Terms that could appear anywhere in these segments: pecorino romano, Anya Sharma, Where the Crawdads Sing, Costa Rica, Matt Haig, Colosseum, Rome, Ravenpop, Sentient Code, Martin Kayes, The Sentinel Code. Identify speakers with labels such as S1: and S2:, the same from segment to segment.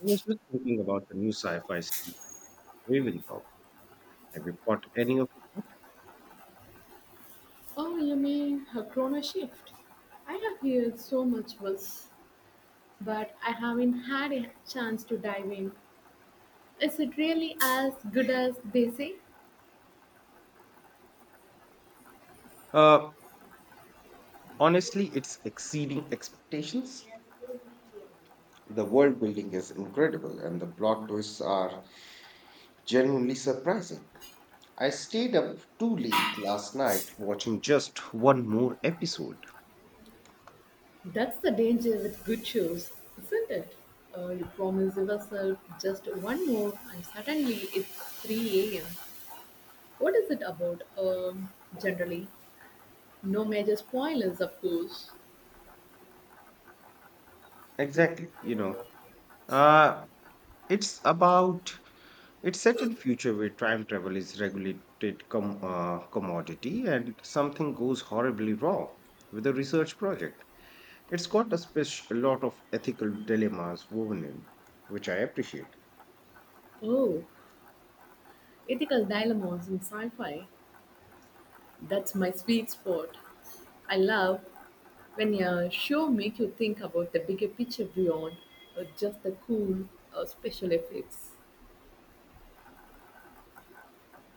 S1: I was just thinking about the new sci-fi series Ravenpop. Have you caught any of it yet?
S2: Oh, you mean her chrono shift? I have heard so much buzz, but I haven't had a chance to dive in. Is it really as good as they say?
S1: Uh, Honestly, it's exceeding expectations. The world building is incredible, and the plot twists are genuinely surprising. I stayed up too late last night watching just one more episode.
S2: That's the danger with good shows, isn't it? You promise yourself just one more, and suddenly it's 3 a.m. What is it about, generally? No major spoilers, of course.
S1: Exactly. Uh, it's about it's set in future where time travel is regulated commodity, and something goes horribly wrong with a research project. It's got a lot of ethical dilemmas woven in, which I appreciate.
S2: Oh, ethical dilemmas in sci fi. That's my sweet spot. I love when a show make you think about the bigger picture beyond just the cool special effects.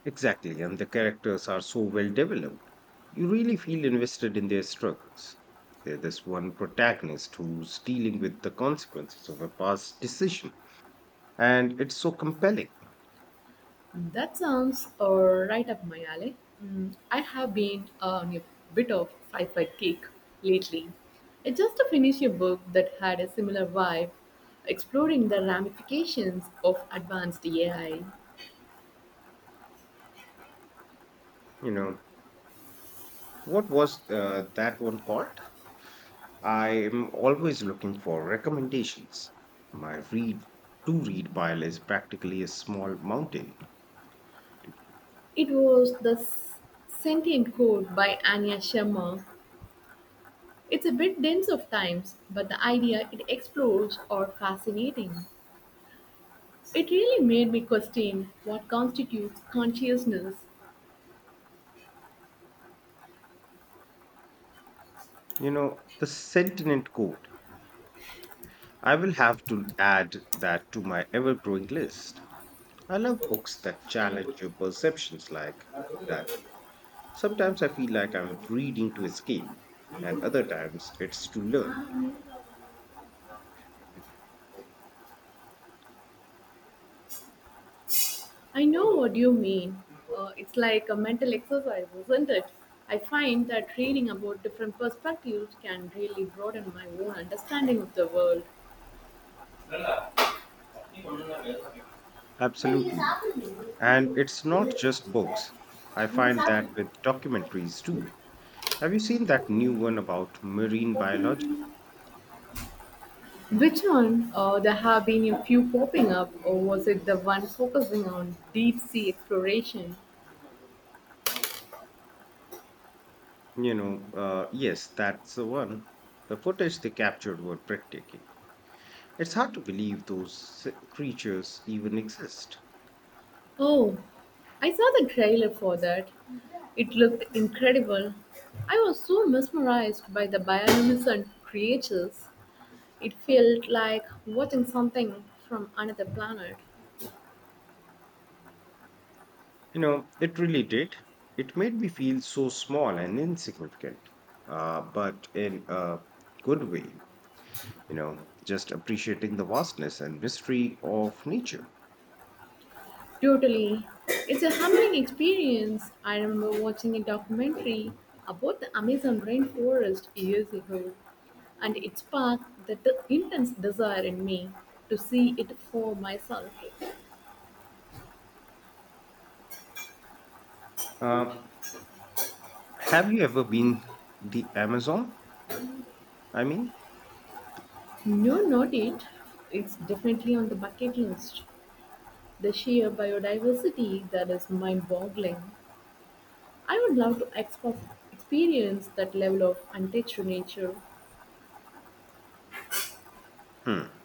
S1: Exactly, and the characters are so well developed. You really feel invested in their struggles. There's this one protagonist who's dealing with the consequences of a past decision, and it's so compelling.
S2: That sounds right up my alley. Mm, I have been on a bit of sci-fi kick lately. I just finished a book that had a similar vibe, exploring the ramifications of advanced AI.
S1: You know, what was that one called? I am always looking for recommendations. My read to read pile is practically a small mountain.
S2: It was the Sentient Code by Anya Sharma. It's a bit dense of times, but the idea it explores are fascinating. It really made me question what constitutes consciousness.
S1: You know, the Sentinel Code. I will have to add that to my ever growing list. I love books that challenge your perceptions like that. Sometimes I feel like I'm reading to escape, and other times it's to learn.
S2: I know what you mean. It's like a mental exercise, isn't it? I find that reading about different perspectives can really broaden my own understanding of the world.
S1: Absolutely. And it's not just books. I find that with documentaries too. Have you seen that new one about marine biology?
S2: Which one? There have been a few popping up, or was it the one focusing on deep sea exploration?
S1: Yes, that's the one. The footage they captured were breathtaking. It's hard to believe those creatures even exist.
S2: Oh, I saw the trailer for that. It looked incredible. I was so mesmerized by the bioluminescent creatures. It felt like watching something from another planet.
S1: You know, it really did. It made me feel so small and insignificant, but in a good way, you know, just appreciating the vastness and mystery of nature.
S2: Totally. It's a humbling experience. I remember watching a documentary about the Amazon rainforest years ago, and it sparked the intense desire in me to see it for myself.
S1: Uh, have you ever been the Amazon? I mean,
S2: No, not it. It's definitely on the bucket list. The sheer biodiversity that is mind boggling. I would love to experience that level of untouched nature.
S1: hmm,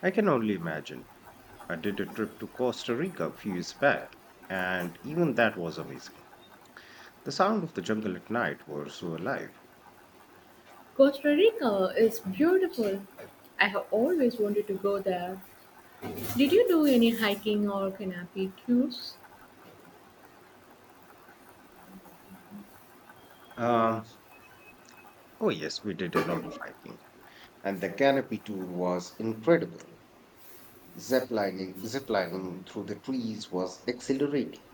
S1: I can only imagine. I did a trip to Costa Rica a few years back, and even that was amazing. The sound of the jungle at night were so alive.
S2: Costa Rica is beautiful. I have always wanted to go there. Did you do any hiking or canopy tours?
S1: Um, Oh, yes, we did a lot of hiking. And the canopy tour was incredible. Ziplining through the trees was exhilarating.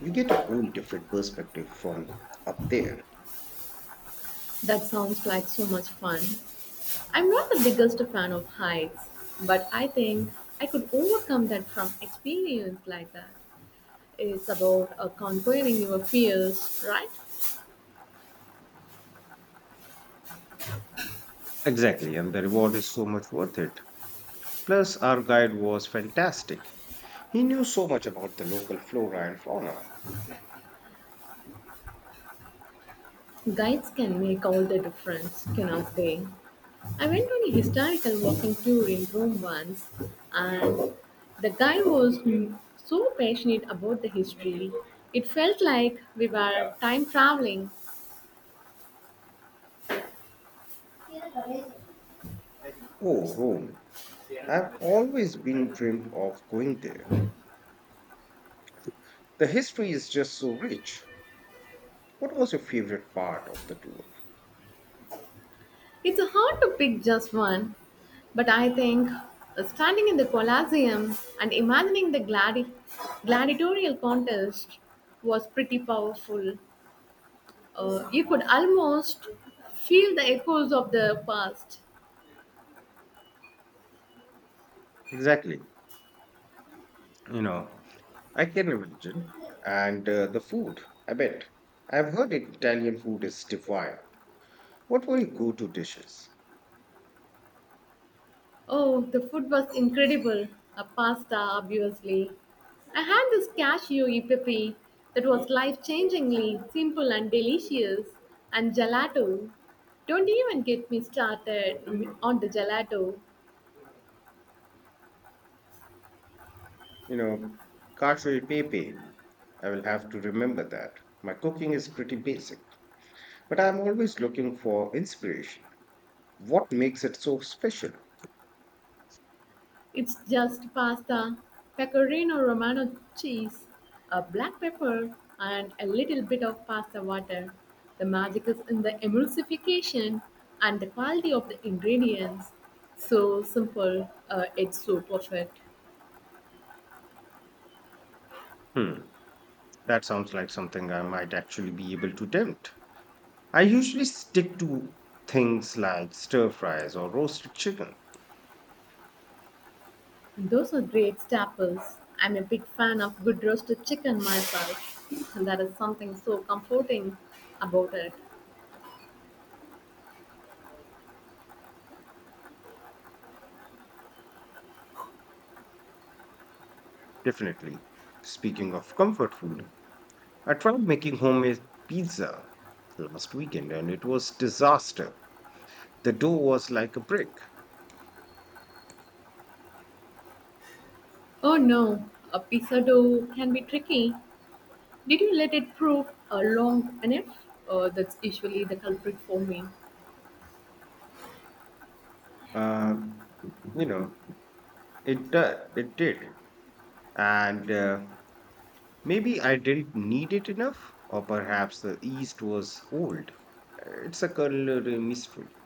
S1: You get a whole different perspective from up there.
S2: That sounds like so much fun. I'm not the biggest fan of heights, but I think I could overcome that from experience like that. It's about conquering your fears, right?
S1: Exactly, and the reward is so much worth it. Plus, our guide was fantastic. He knew so much about the local flora and fauna.
S2: Guides can make all the difference, cannot they? I went on a historical walking tour in Rome once, and the guy was so passionate about the history. It felt like we were time traveling.
S1: Oh, Rome. I've always been dreamed of going there. The history is just so rich. What was your favorite part of the tour?
S2: It's hard to pick just one, but I think standing in the Colosseum and imagining the gladiatorial contest was pretty powerful. You could almost feel the echoes of the past.
S1: Exactly. You know, I can imagine. And the food, I bet. I've heard Italian food is divine. What were your go to dishes?
S2: Oh, the food was incredible. A pasta, obviously. I had this cashew epipy that was life changingly simple and delicious, and gelato. Don't even get me started on the gelato.
S1: You know, cacio e pepe. I will have to remember that. My cooking is pretty basic, but I'm always looking for inspiration. What makes it so special?
S2: It's just pasta, pecorino romano cheese, a black pepper, and a little bit of pasta water. The magic is in the emulsification and the quality of the ingredients. So simple, it's so perfect.
S1: Hmm, that sounds like something I might actually be able to attempt. I usually stick to things like stir fries or roasted chicken.
S2: Those are great staples. I'm a big fan of good roasted chicken myself, and that is something so comforting about it.
S1: Definitely. Speaking of comfort food, I tried making homemade pizza last weekend and it was disaster. The dough was like a brick.
S2: Oh no, a pizza dough can be tricky. Did you let it prove long enough? That's usually the culprit for me.
S1: Um, you know, it it did. And maybe I didn't knead it enough or perhaps the yeast was old. It's a culinary mystery.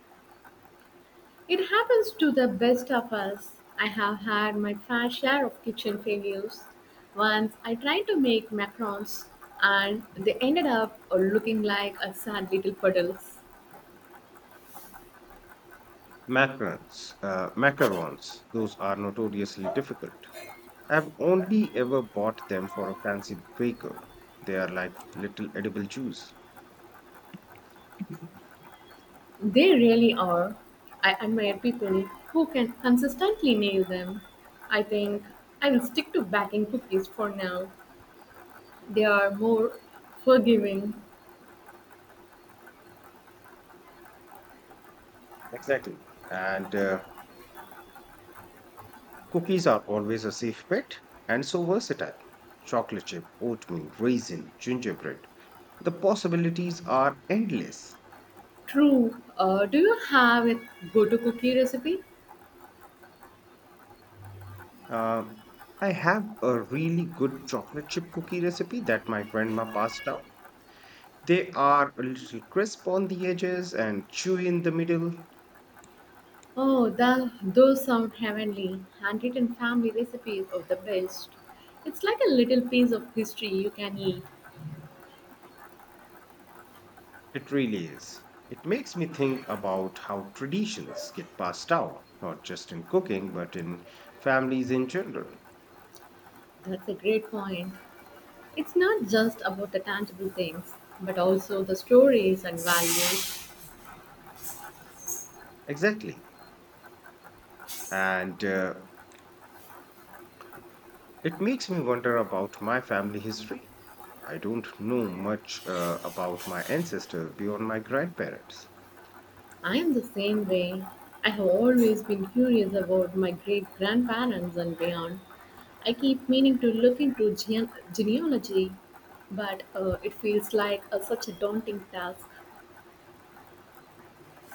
S2: It happens to the best of us. I have had my fair share of kitchen failures. Once I tried to make macarons and they ended up looking like a sad little puddles.
S1: Macarons, those are notoriously difficult. I've only ever bought them for a fancy baker. They are like little edible juice.
S2: They really are. I admire people who can consistently nail them. I think I will stick to baking cookies for now. They are more forgiving.
S1: Exactly. And cookies are always a safe bet and so versatile. Chocolate chip, oatmeal, raisin, gingerbread. The possibilities are endless.
S2: True. Do you have a go-to cookie recipe?
S1: Um, I have a really good chocolate chip cookie recipe that my grandma passed down. They are a little crisp on the edges and chewy in the middle.
S2: Oh, those sound heavenly. Handwritten family recipes are the best. It's like a little piece of history you can eat.
S1: It really is. It makes me think about how traditions get passed down, not just in cooking, but in families in general.
S2: That's a great point. It's not just about the tangible things, but also the stories and values.
S1: Exactly. And it makes me wonder about my family history. I don't know much about my ancestors beyond my grandparents.
S2: I am the same way. I have always been curious about my great grandparents and beyond. I keep meaning to look into genealogy, but it feels like such a daunting task.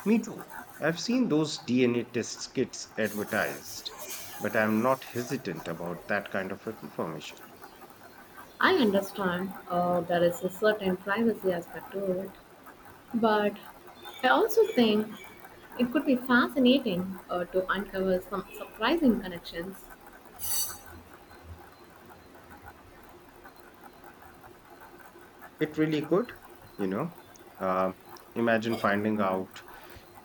S1: Me too. I've seen those DNA test kits advertised, but I'm not hesitant about that kind of information.
S2: I understand, there is a certain privacy aspect to it, but I also think it could be fascinating to uncover some surprising connections.
S1: It really could, you know. Uh, Imagine finding out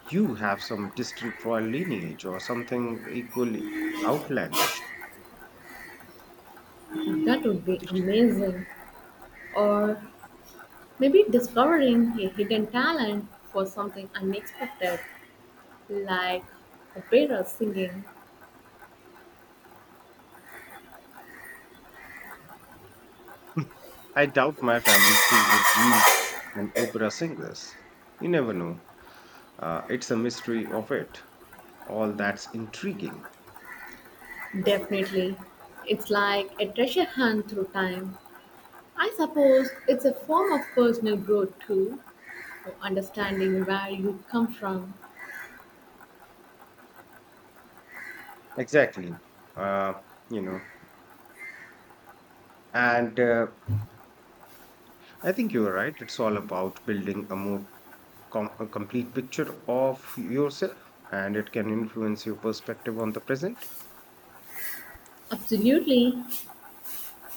S1: you have some distant royal lineage or something equally outlandish.
S2: That would be amazing. Or maybe discovering a hidden talent for something unexpected, like opera singing.
S1: I doubt my family tree would yield an opera singer's. You never know. It's a mystery of it. All that's intriguing.
S2: Definitely. It's like a treasure hunt through time. I suppose it's a form of personal growth too, or understanding where you come from.
S1: Exactly. Uh, you know, and I think you're right. It's all about building a a complete picture of yourself, and it can influence your perspective on the present.
S2: Absolutely.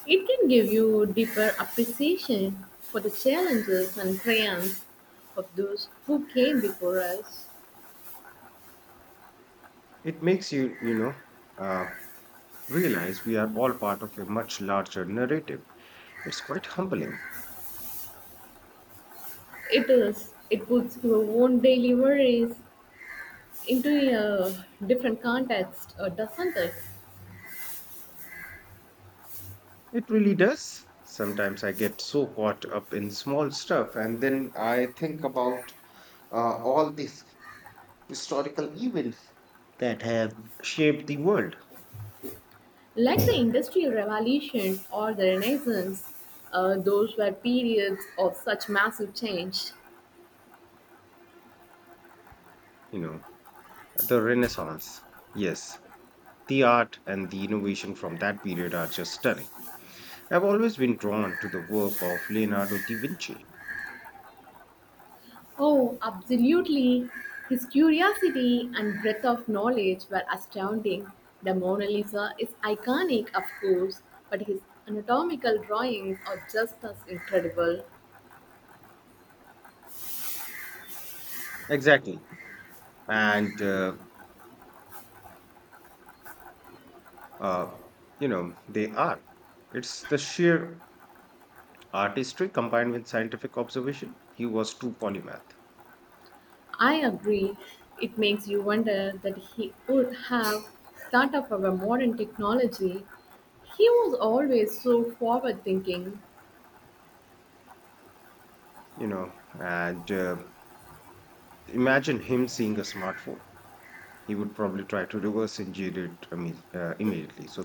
S2: It can give you deeper appreciation for the challenges and triumphs of those who came before us.
S1: It makes you, uh, realize we are all part of a much larger narrative. It's quite humbling.
S2: It is. It puts your own daily worries into a, different context, doesn't it?
S1: It really does. Sometimes I get so caught up in small stuff and then I think about all these historical events that have shaped the world,
S2: Like the Industrial Revolution or the Renaissance, those were periods of such massive change.
S1: you know, the Renaissance. Yes, the art and the innovation from that period are just stunning. I've always been drawn to the work of Leonardo da Vinci.
S2: Oh, absolutely. His curiosity and breadth of knowledge were astounding. The Mona Lisa is iconic, of course, but his anatomical drawings are just as incredible.
S1: Exactly. And, uh, uh, they are. It's the sheer artistry combined with scientific observation. He was too polymath,
S2: I agree. It makes you wonder that he would have thought of our modern technology. He was always so forward thinking.
S1: you know. And imagine him seeing a smartphone. He would probably try to reverse engineer it immediately. So,